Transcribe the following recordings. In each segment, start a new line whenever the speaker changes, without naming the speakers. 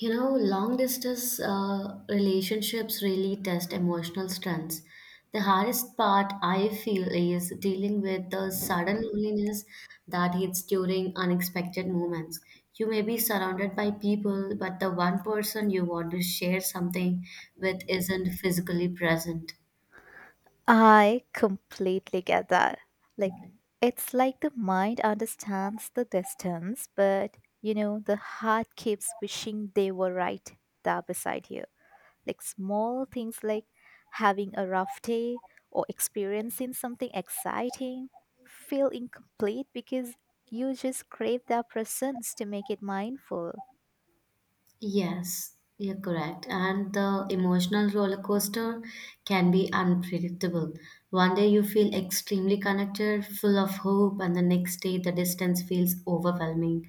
You know, long distance relationships really test emotional strengths. The hardest part I feel is dealing with the sudden loneliness that hits during unexpected moments. You may be surrounded by people, but the one person you want to share something with isn't physically present.
I completely get that. Like, it's like the mind understands the distance, but you know, the heart keeps wishing they were right there beside you. Like, small things like having a rough day or experiencing something exciting feel incomplete because you just crave their presence to make it mindful.
Yes, you're correct. And the emotional roller coaster can be unpredictable. One day you feel extremely connected, full of hope, and the next day the distance feels overwhelming.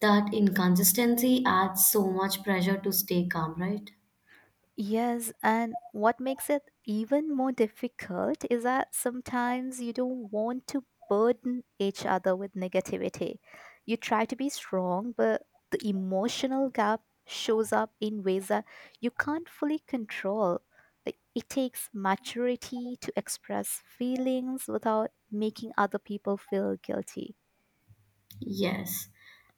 That inconsistency adds so much pressure to stay calm, right?
Yes, and what makes it even more difficult is that sometimes you don't want to burden each other with negativity. You try to be strong, but the emotional gap shows up in ways that you can't fully control. Like it takes maturity to express feelings without making other people feel guilty.
Yes.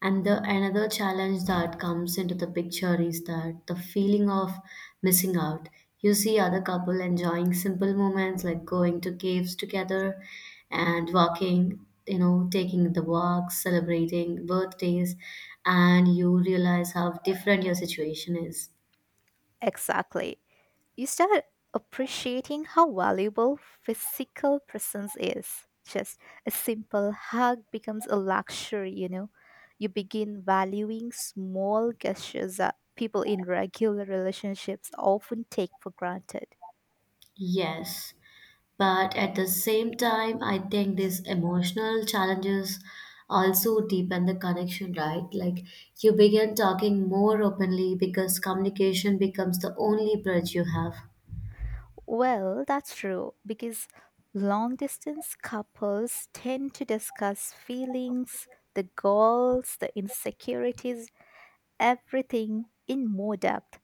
And the another challenge that comes into the picture is that the feeling of missing out. You see other couple enjoying simple moments like going to caves together and walking, you know, taking the walks, celebrating birthdays, and you realize how different your situation is.
Exactly. You start appreciating how valuable physical presence is. Just a simple hug becomes a luxury, you know. You begin valuing small gestures that people in regular relationships often take for granted.
Yes. But at the same time, I think these emotional challenges also deepen the connection, right? Like you begin talking more openly because communication becomes the only bridge you have.
Well, that's true because long distance couples tend to discuss feelings, the goals, the insecurities, everything in more depth.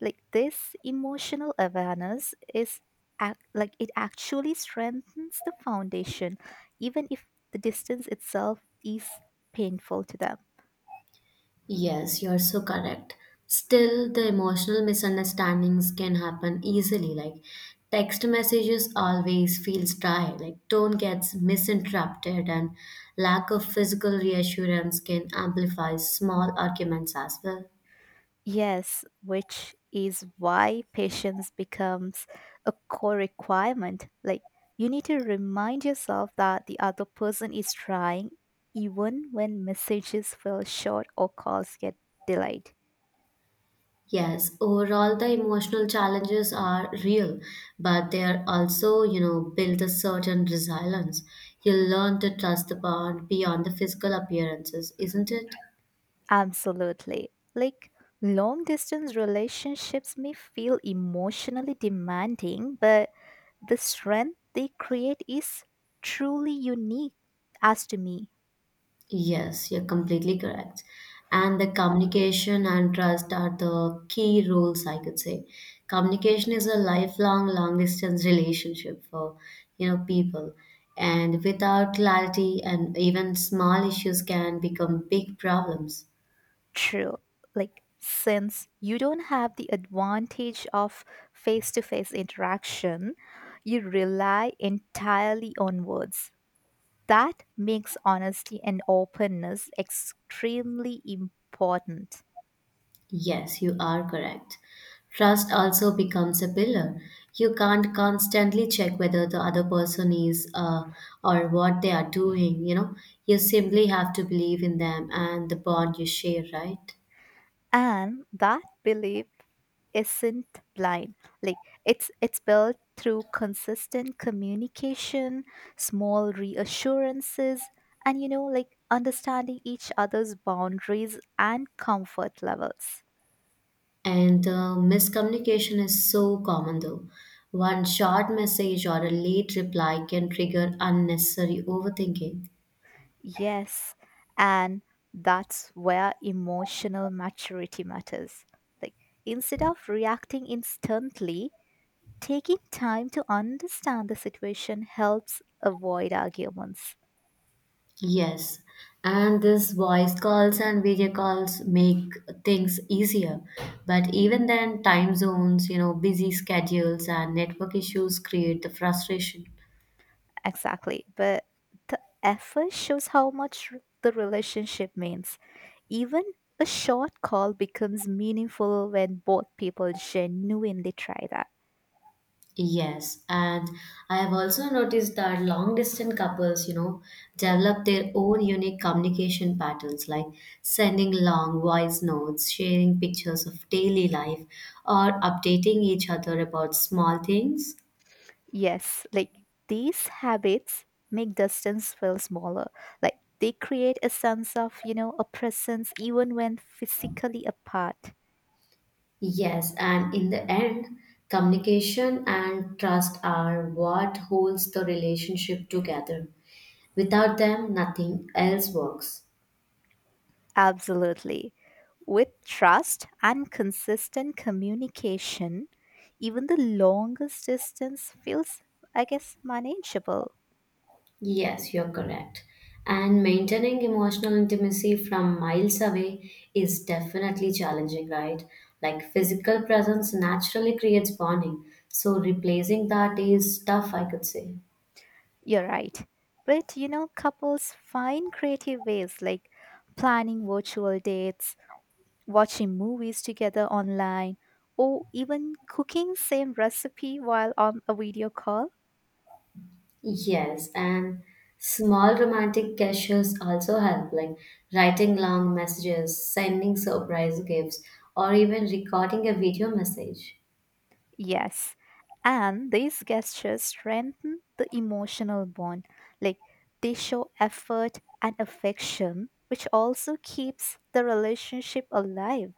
Like this emotional awareness is like it actually strengthens the foundation even if the distance itself is painful to them.
Yes, you're so correct. Still, the emotional misunderstandings can happen easily. Like text messages always feels dry. Like tone gets misinterpreted, and lack of physical reassurance can amplify small arguments as well.
Yes, which is why patience becomes a core requirement. Like you need to remind yourself that the other person is trying even when messages feel short or calls get delayed.
Yes, overall the emotional challenges are real, but they are also, you know, build a certain resilience. You learn to trust the bond beyond the physical appearances, isn't it?
Absolutely. Like long distance relationships may feel emotionally demanding, but the strength they create is truly unique as to me.
Yes, you're completely correct. And the communication and trust are the key roles, I could say. Communication is a lifelong, long distance relationship for, you know, people. And without clarity and even small issues can become big problems.
True. Like since you don't have the advantage of face to face interaction, you rely entirely on words. That makes honesty and openness extremely important.
Yes, you are correct. Trust also becomes a pillar. You can't constantly check whether the other person is or what they are doing, you know. You simply have to believe in them and the bond you share, right?
And that belief isn't blind. Like it's built through consistent communication, small reassurances, and you know, like understanding each other's boundaries and comfort levels.
And miscommunication is so common though. One short message or a late reply can trigger unnecessary overthinking.
Yes, and that's where emotional maturity matters. Like instead of reacting instantly, taking time to understand the situation helps avoid arguments.
Yes, and this voice calls and video calls make things easier. But even then, time zones, you know, busy schedules and network issues create the frustration.
Exactly. But the effort shows how much the relationship means. Even a short call becomes meaningful when both people genuinely try that.
Yes, and I have also noticed that long distance couples, you know, develop their own unique communication patterns like sending long voice notes, sharing pictures of daily life, or updating each other about small things.
Yes, like these habits make distance feel smaller. Like they create a sense of, you know, a presence even when physically apart.
Yes, and in the end, communication and trust are what holds the relationship together. Without them, nothing else works.
Absolutely. With trust and consistent communication, even the longest distance feels, I guess, manageable.
Yes, you're correct. And maintaining emotional intimacy from miles away is definitely challenging, right? Like physical presence naturally creates bonding. So replacing that is tough, I could say.
You're right. But, you know, couples find creative ways like planning virtual dates, watching movies together online, or even cooking same recipe while on a video call.
Yes, and small romantic gestures also help, like writing long messages, sending surprise gifts, or even recording a video message.
Yes. And these gestures strengthen the emotional bond. Like they show effort and affection, which also keeps the relationship alive.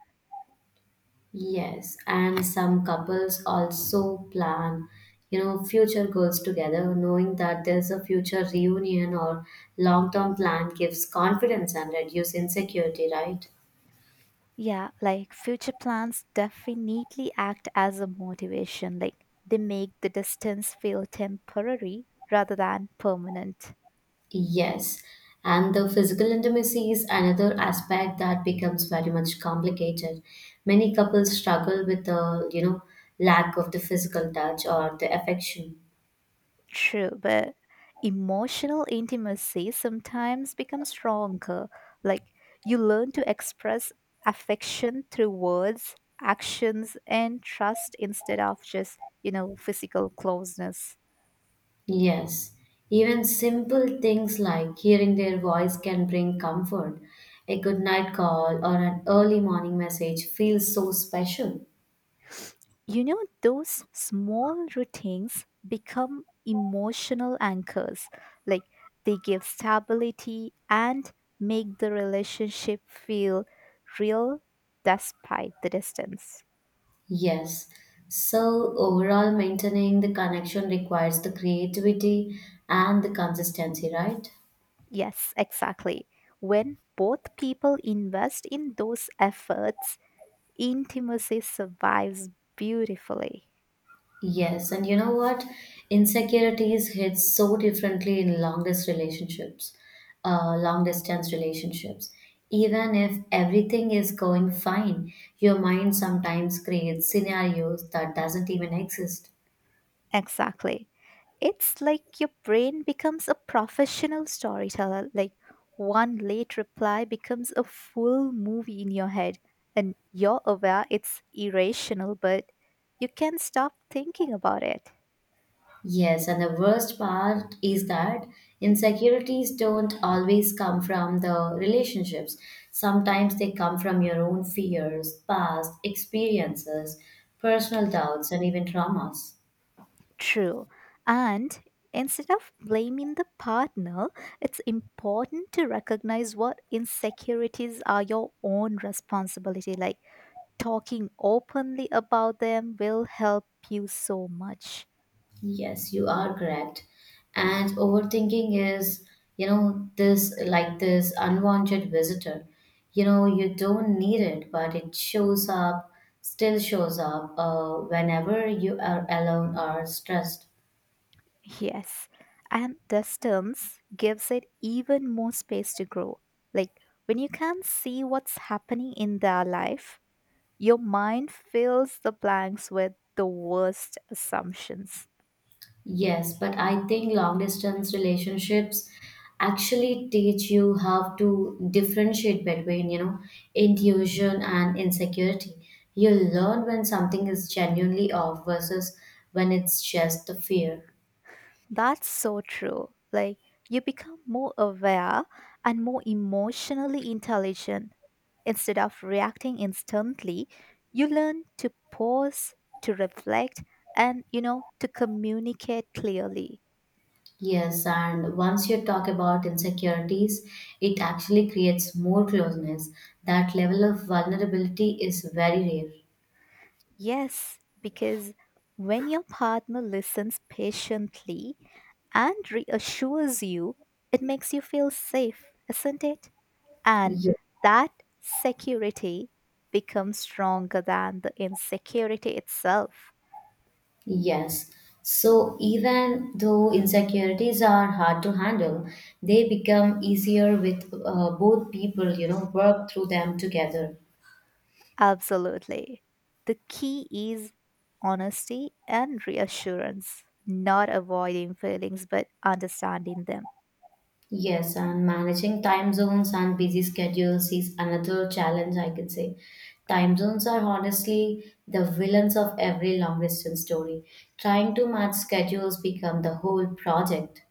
Yes, and some couples also plan, you know, future goals together, knowing that there's a future reunion or long term plan gives confidence and reduce insecurity, right?
Yeah, like future plans definitely act as a motivation. Like they make the distance feel temporary rather than permanent.
Yes, and the physical intimacy is another aspect that becomes very much complicated. Many couples struggle with the, you know, lack of the physical touch or the affection.
True, but emotional intimacy sometimes becomes stronger. Like you learn to express affection through words, actions, and trust instead of just, you know, physical closeness.
Yes, even simple things like hearing their voice can bring comfort. A good night call or an early morning message feels so special.
You know, those small routines become emotional anchors. Like they give stability and make the relationship feel real despite the distance.
Yes. So, overall, maintaining the connection requires the creativity and the consistency, right?
Yes, exactly. When both people invest in those efforts, intimacy survives beautifully.
Yes, and you know what? Insecurities hit so differently in longest relationships, long distance relationships. Even if everything is going fine, your mind sometimes creates scenarios that doesn't even exist.
Exactly. It's like your brain becomes a professional storyteller. Like one late reply becomes a full movie in your head, and you're aware it's irrational, but you can't stop thinking about it.
Yes, and the worst part is that insecurities don't always come from the relationships. Sometimes they come from your own fears, past experiences, personal doubts, and even traumas.
True. And instead of blaming the partner, it's important to recognize what insecurities are your own responsibility. Like talking openly about them will help you so much.
Yes, you are correct. And overthinking is, you know, this like this unwanted visitor. You know, you don't need it, but it shows up, still shows up whenever you are alone or stressed.
Yes. And distance gives it even more space to grow. Like when you can't see what's happening in their life, your mind fills the blanks with the worst assumptions.
Yes, but I think long distance relationships actually teach you how to differentiate between, you know, intuition and insecurity. You learn when something is genuinely off versus when it's just the fear.
That's so true. Like, you become more aware and more emotionally intelligent. Instead of reacting instantly, you learn to pause, to reflect, and, you know, to communicate clearly.
Yes, and once you talk about insecurities, it actually creates more closeness. That level of vulnerability is very rare.
Yes, because when your partner listens patiently and reassures you, it makes you feel safe, isn't it? And
Yes.
that security becomes stronger than the insecurity itself.
Yes. So even though insecurities are hard to handle, they become easier with both people, you know, work through them together.
Absolutely. The key is honesty and reassurance, not avoiding feelings but understanding them.
Yes, and managing time zones and busy schedules is another challenge, I could say. Time zones are honestly the villains of every long distance story. Trying to match schedules become the whole project.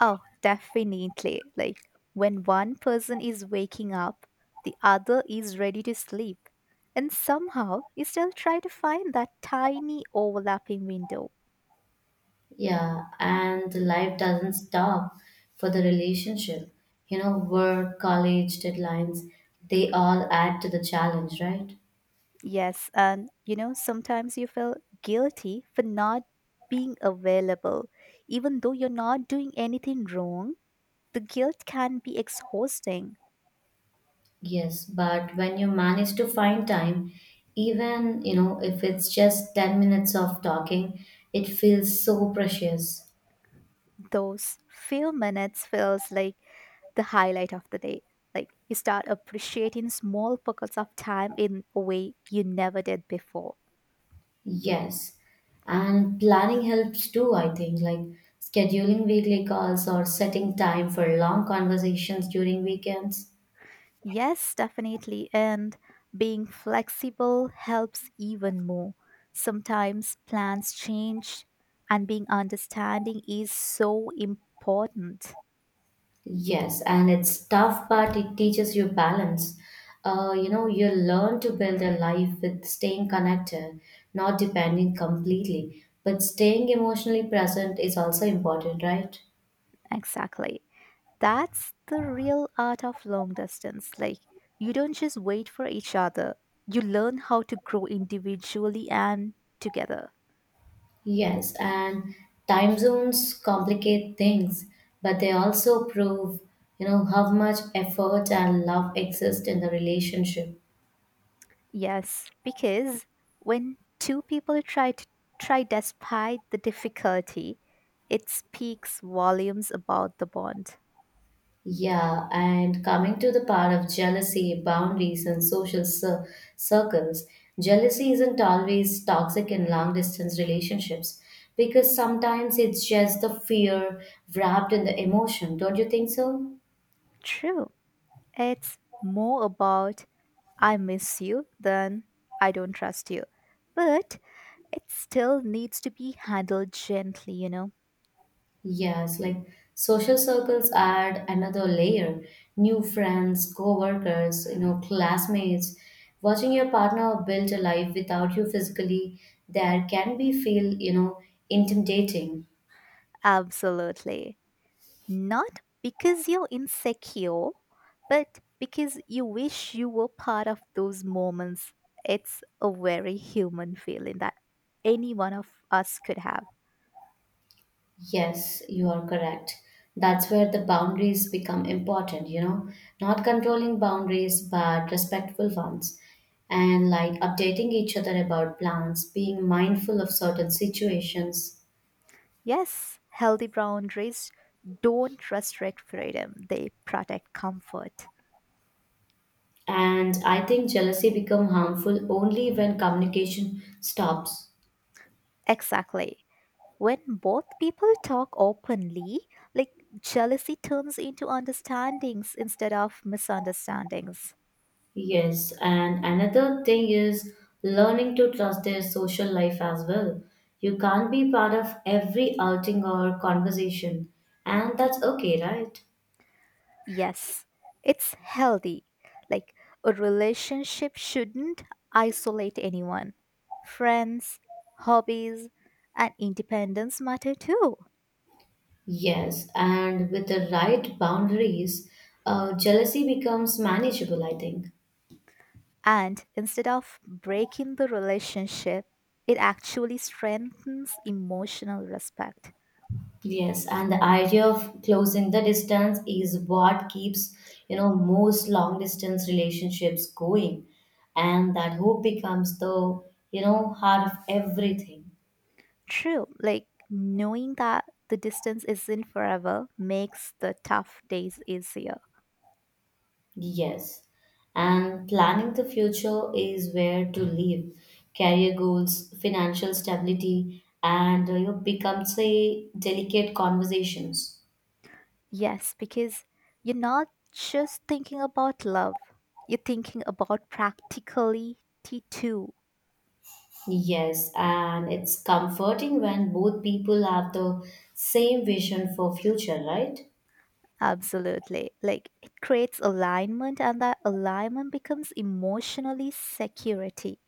Oh, definitely. Like when one person is waking up, the other is ready to sleep. And somehow you still try to find that tiny overlapping window.
Yeah, and the life doesn't stop for the relationship. You know, work, college, deadlines, they all add to the challenge, right?
Yes, and you know, sometimes you feel guilty for not being available. Even though you're not doing anything wrong, the guilt can be exhausting.
Yes, but when you manage to find time, even, you know, if it's just 10 minutes of talking, it feels so precious.
Those few minutes feels like the highlight of the day. Like you start appreciating small pockets of time in a way you never did before.
Yes. And planning helps too, I think, like scheduling weekly calls or setting time for long conversations during weekends.
Yes, definitely. And being flexible helps even more. Sometimes plans change, and being understanding is so important.
Yes, and it's tough, but it teaches you balance. You know, you learn to build a life with staying connected, not depending completely. But staying emotionally present is also important, right?
Exactly. That's the real art of long distance. Like, you don't just wait for each other, you learn how to grow individually and together.
Yes, and time zones complicate things, but they also prove, you know, how much effort and love exist in the relationship.
Yes, because when two people try to try despite the difficulty, it speaks volumes about the bond.
Yeah, and coming to the part of jealousy, boundaries, and circles, jealousy isn't always toxic in long distance relationships because sometimes it's just the fear wrapped in the emotion. Don't you think so?
True, it's more about I miss you than I don't trust you. But it still needs to be handled gently, you know?
Yes, like social circles add another layer. New friends, co-workers, you know, classmates. Watching your partner build a life without you physically, there can be feel, you know, intimidating.
Absolutely. Not because you're insecure, but because you wish you were part of those moments. It's a very human feeling that any one of us could have.
Yes, you are correct. That's where the boundaries become important, you know, not controlling boundaries, but respectful ones. And like updating each other about plans, being mindful of certain situations.
Yes, healthy boundaries don't restrict freedom, they protect comfort.
And I think jealousy become harmful only when communication stops.
Exactly. When both people talk openly, like jealousy turns into understandings instead of misunderstandings.
Yes, and another thing is learning to trust their social life as well. You can't be part of every outing or conversation, and that's okay, right?
Yes, it's healthy. Like a relationship shouldn't isolate anyone. Friends, hobbies, and independence matter too.
Yes, and with the right boundaries, jealousy becomes manageable, I think.
And instead of breaking the relationship, it actually strengthens emotional respect.
Yes, and the idea of closing the distance is what keeps, you know, most long distance relationships going, and that hope becomes the, you know, heart of everything.
True, like knowing that the distance isn't forever makes the tough days easier.
Yes, and planning the future is where to live, career goals, financial stability, and you know, becomes a delicate conversations.
Yes, because you're not just thinking about love, you're thinking about practicality too.
Yes, and it's comforting when both people have the same vision for future, right?
Absolutely. Like it creates alignment, and that alignment becomes emotionally security.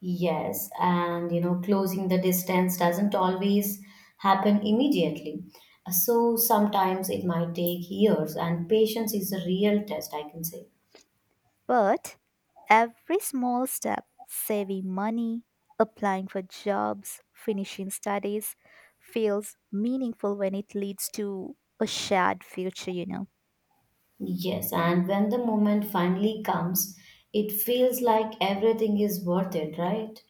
Yes, and you know, closing the distance doesn't always happen immediately. So sometimes it might take years, and patience is a real test, I can say.
But every small step, saving money, applying for jobs, finishing studies, feels meaningful when it leads to a shared future, you know.
Yes, and when the moment finally comes, it feels like everything is worth it, right?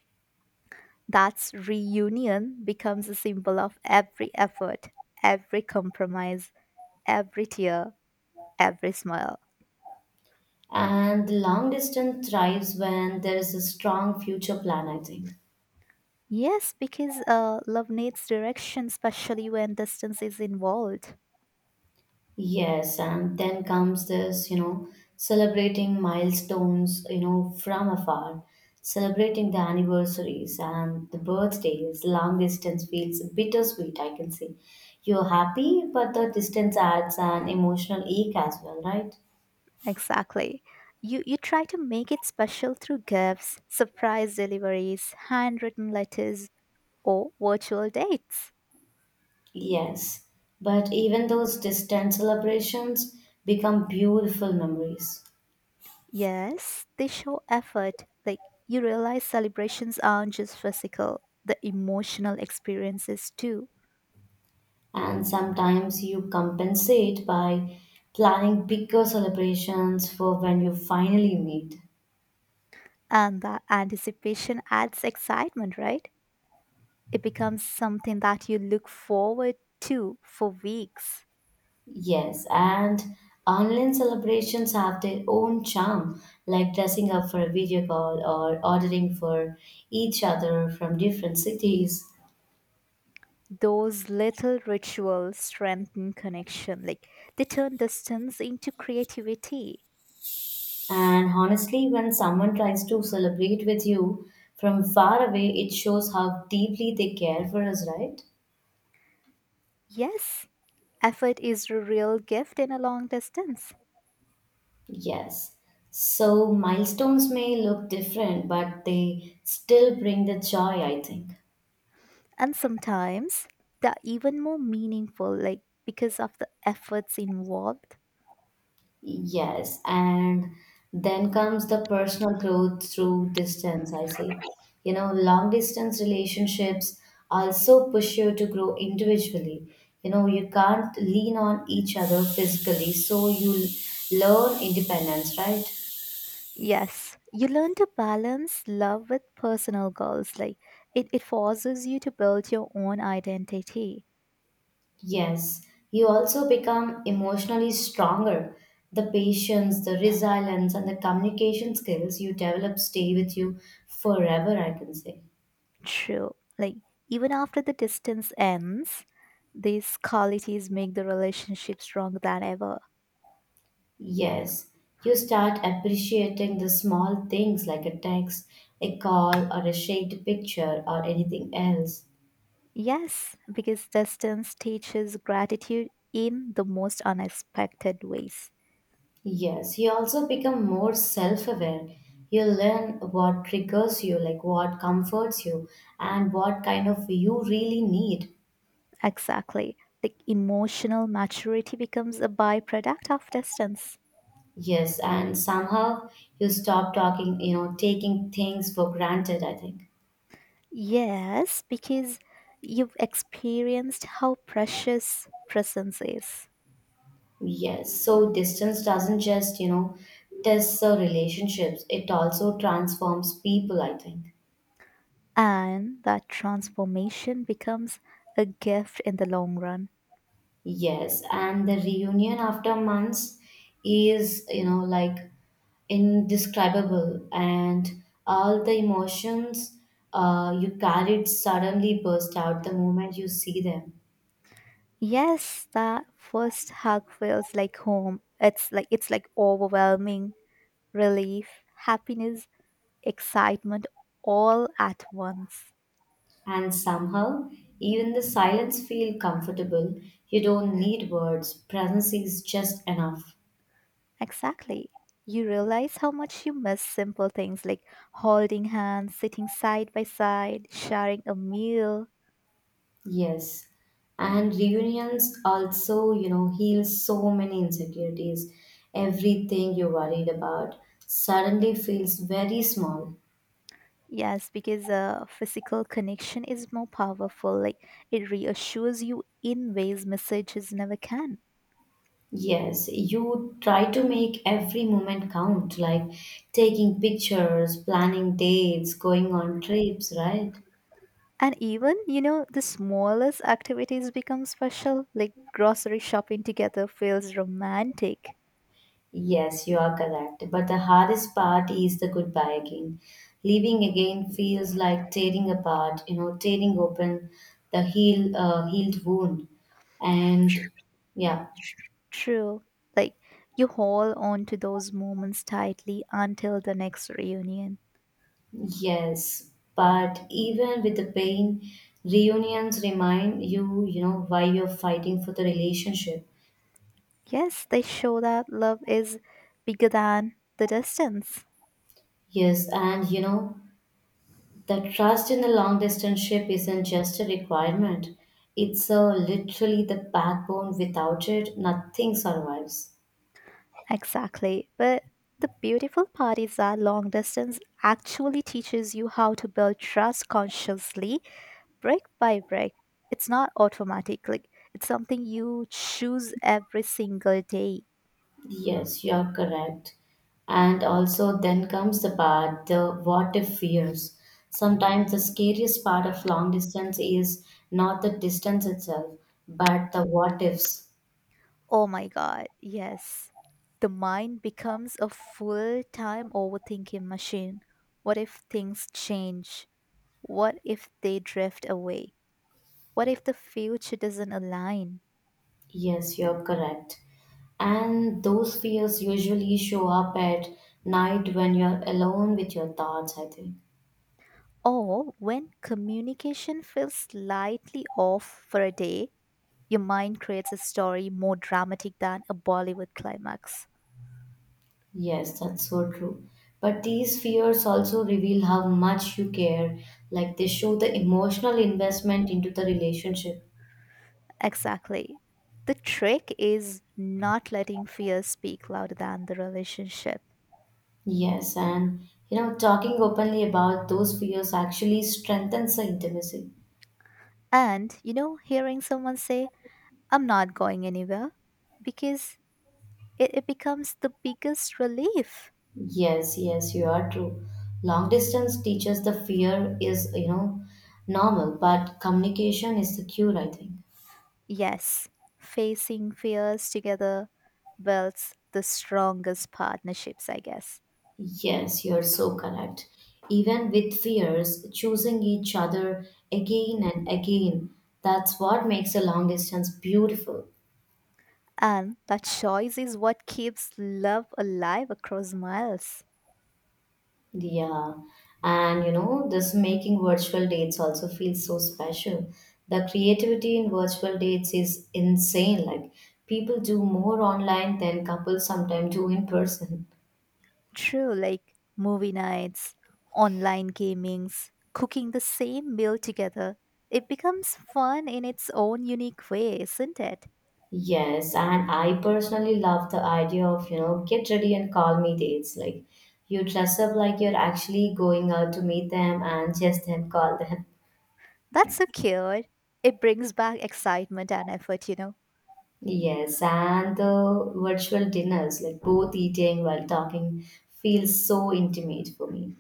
That's reunion becomes a symbol of every effort, every compromise, every tear, every smile.
And the long distance thrives when there is a strong future plan, I think.
Yes, because love needs direction, especially when distance is involved.
Yes, and then comes this, you know, celebrating milestones, you know, from afar, celebrating the anniversaries and the birthdays. Long distance feels bittersweet, I can say. You're happy, but the distance adds an emotional ache as well, right?
Exactly. You try to make it special through gifts, surprise deliveries, handwritten letters, or virtual dates.
Yes, but even those distant celebrations become beautiful memories.
Yes, they show effort. Like, you realize celebrations aren't just physical, the emotional experiences too.
And sometimes you compensate by planning bigger celebrations for when you finally meet.
And that anticipation adds excitement, right? It becomes something that you look forward to for weeks.
Yes, and online celebrations have their own charm, like dressing up for a video call or ordering for each other from different cities.
Those little rituals strengthen connection, like they turn distance into creativity.
And honestly, when someone tries to celebrate with you from far away, it shows how deeply they care for us, right?
Yes, effort is a real gift in a long distance.
Yes. So milestones may look different, but they still bring the joy, I think.
And sometimes they're even more meaningful, like because of the efforts involved.
Yes, and then comes the personal growth through distance, I say. You know, long distance relationships also push you to grow individually. You know, you can't lean on each other physically, so you learn independence, right?
Yes, you learn to balance love with personal goals. Like it forces you to build your own identity.
Yes, you also become emotionally stronger. The patience, the resilience, and the communication skills you develop stay with you forever, I can say.
True. Like even after the distance ends, these qualities make the relationship stronger than ever.
Yes, you start appreciating the small things like a text, a call, or a shaped picture, or anything else.
Yes, because distance teaches gratitude in the most unexpected ways.
Yes, you also become more self aware. You learn what triggers you, like what comforts you, and what kind of you really need.
Exactly. Like emotional maturity becomes a byproduct of distance.
Yes, and somehow you stop talking, you know, taking things for granted, I think.
Yes, because you've experienced how precious presence is,
Yes, so distance doesn't just, you know, test the relationships, it also transforms people, I think.
and that transformation becomes a gift in the long run.
Yes, and the reunion after months is, you know, like indescribable, and all the emotions you carried suddenly burst out the moment you see them.
Yes, that first hug feels like home. It's like overwhelming relief, happiness, excitement all at once.
And somehow, even the silence feel comfortable. You don't need words, presence is just enough.
Exactly. You realize how much you miss simple things like holding hands, sitting side by side, sharing a meal.
Yes. And reunions also, you know, heal so many insecurities. Everything you're worried about suddenly feels very small.
Yes, because a physical connection is more powerful. Like it reassures you in ways messages never can.
Yes, you try to make every moment count, like taking pictures, planning dates, going on trips, right?
And even, you know, the smallest activities become special. Like grocery shopping together feels romantic.
Yes, you are correct. But the hardest part is the goodbye again. Leaving again feels like tearing apart, you know, tearing open the healed wound. And yeah,
True. Like you hold on to those moments tightly until the next reunion.
yes. But even with the pain, reunions remind you, you know, why you're fighting for the relationship.
Yes, they show that love is bigger than the distance.
Yes, and you know, the trust in a long distance ship isn't just a requirement, it's literally the backbone. Without it, nothing survives.
Exactly. But the beautiful part is that long distance actually teaches you how to build trust consciously, brick by brick. It's not automatically, it's something you choose every single day.
Yes, you're correct. And also, then comes the part the what if fears. Sometimes the scariest part of long distance is not the distance itself, but the what ifs.
Oh my God, yes. The mind becomes a full time overthinking machine. What if things change? What if they drift away? What if the future doesn't align?
Yes, you're correct. And those fears usually show up at night when you're alone with your thoughts, I think.
Or when communication feels slightly off for a day, your mind creates a story more dramatic than a Bollywood climax.
Yes, that's so true. But these fears also reveal how much you care. Like they show the emotional investment into the relationship.
Exactly. The trick is not letting fear speak louder than the relationship.
Yes, and you know, talking openly about those fears actually strengthens the intimacy.
And, you know, hearing someone say, I'm not going anywhere, because it becomes the biggest relief.
Yes, yes, you are true. Long distance teaches the fear is, you know, normal, but communication is the cure, I think.
Yes, facing fears together builds the strongest partnerships, I guess.
Yes, you're so correct. Even with fears, choosing each other again and again, that's what makes a long distance beautiful.
And that choice is what keeps love alive across miles.
Yeah. And you know, this making virtual dates also feels so special. The creativity in virtual dates is insane. Like people do more online than couples sometimes do in person.
True, like movie nights, online gamings, cooking the same meal together. It becomes fun in its own unique way, isn't it?
Yes, and I personally love the idea of, you know, get ready and call me dates. Like you dress up like you're actually going out to meet them and just then call them.
That's so cute. It brings back excitement and effort, you know.
Yes, and the virtual dinners, like both eating while talking, feels so intimate for me.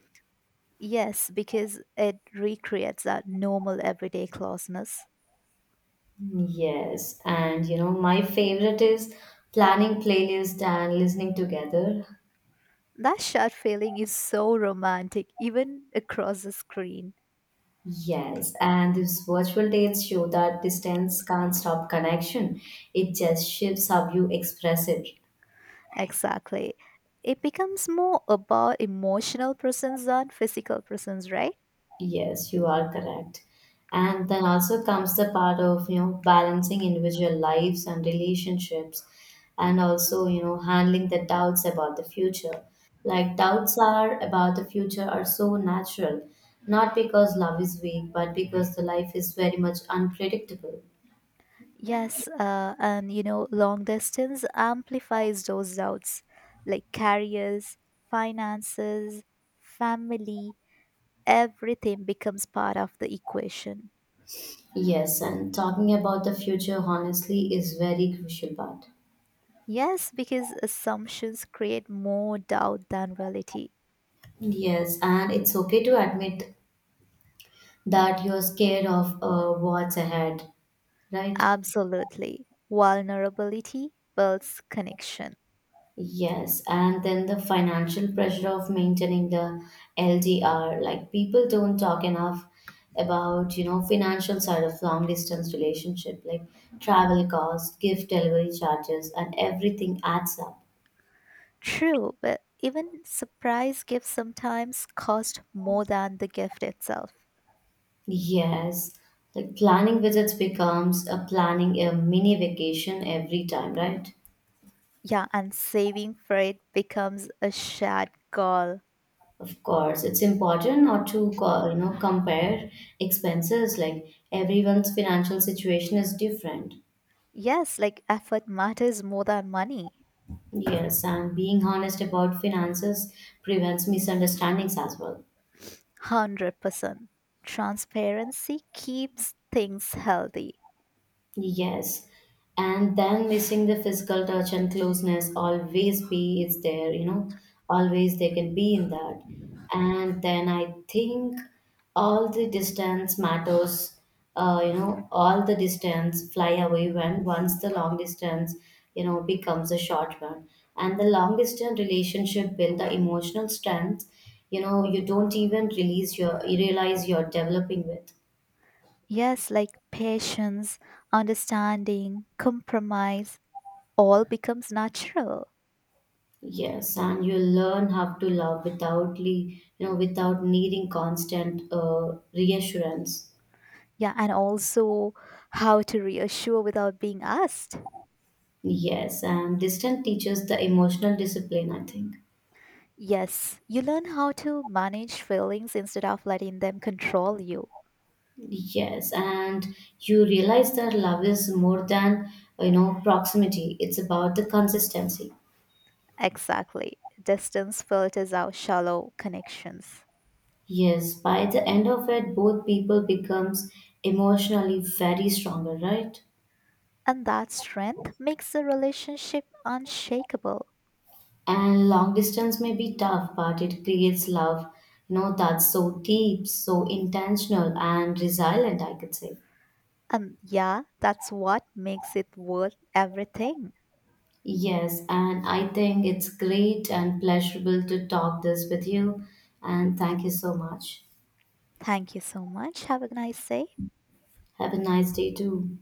Yes, because it recreates that normal everyday closeness.
Yes, and you know, my favorite is planning playlist and listening together.
That shared feeling is so romantic, even across the screen.
Yes, and these virtual dates show that distance can't stop connection. It just shifts how you express it.
Exactly. It becomes more about emotional presence than physical presence, right?
Yes, you are correct. And then also comes the part of, you know, balancing individual lives and relationships and also, you know, handling the doubts about the future. Like doubts are about the future are so natural, not because love is weak, but because the life is very much unpredictable.
Yes, and you know, long distance amplifies those doubts like careers, finances, family, everything becomes part of the equation.
Yes, and talking about the future honestly is very crucial part.
Yes, because assumptions create more doubt than reality.
Yes, and it's okay to admit that you're scared of what's ahead, right?
Absolutely. Vulnerability builds connection.
Yes, and then the financial pressure of maintaining the LDR, like people don't talk enough about, you know, financial side of long distance relationship, like travel costs, gift delivery charges, and everything adds up.
True, but even surprise gifts sometimes cost more than the gift itself.
Yes, like planning visits becomes a planning a mini vacation every time, right?
Yeah, and saving for it becomes a shared goal.
Of course, it's important not to you know compare expenses. Like everyone's financial situation is different.
Yes, like effort matters more than money.
Yes, and being honest about finances prevents misunderstandings as well.
100%. Transparency keeps things healthy.
Yes. And then missing the physical touch and closeness always be is there, you know, always they can be in that. And then I think all the distance matters, you know, all the distance fly away when once the long distance, you know, becomes a short one. And the long distance relationship build the emotional strength, you know, you don't even release your you realize you're developing with.
Yes, like patience, understanding, compromise, all becomes natural.
Yes, and you learn how to love without, you know, without needing constant reassurance.
Yeah, and also how to reassure without being asked.
Yes, and distance teaches the emotional discipline, I think.
Yes, you learn how to manage feelings instead of letting them control you.
Yes, and you realize that love is more than, you know, proximity. It's about the consistency.
Exactly. Distance filters out shallow connections.
Yes, by the end of it, both people becomes emotionally very stronger, right?
And that strength makes the relationship unshakable.
And long distance may be tough, but it creates love, you know, that's so deep, so intentional, and resilient, I could say.
And yeah, that's what makes it worth everything.
Yes, and I think it's great and pleasurable to talk this with you. And thank you so much.
Thank you so much. Have a nice day.
Have a nice day too.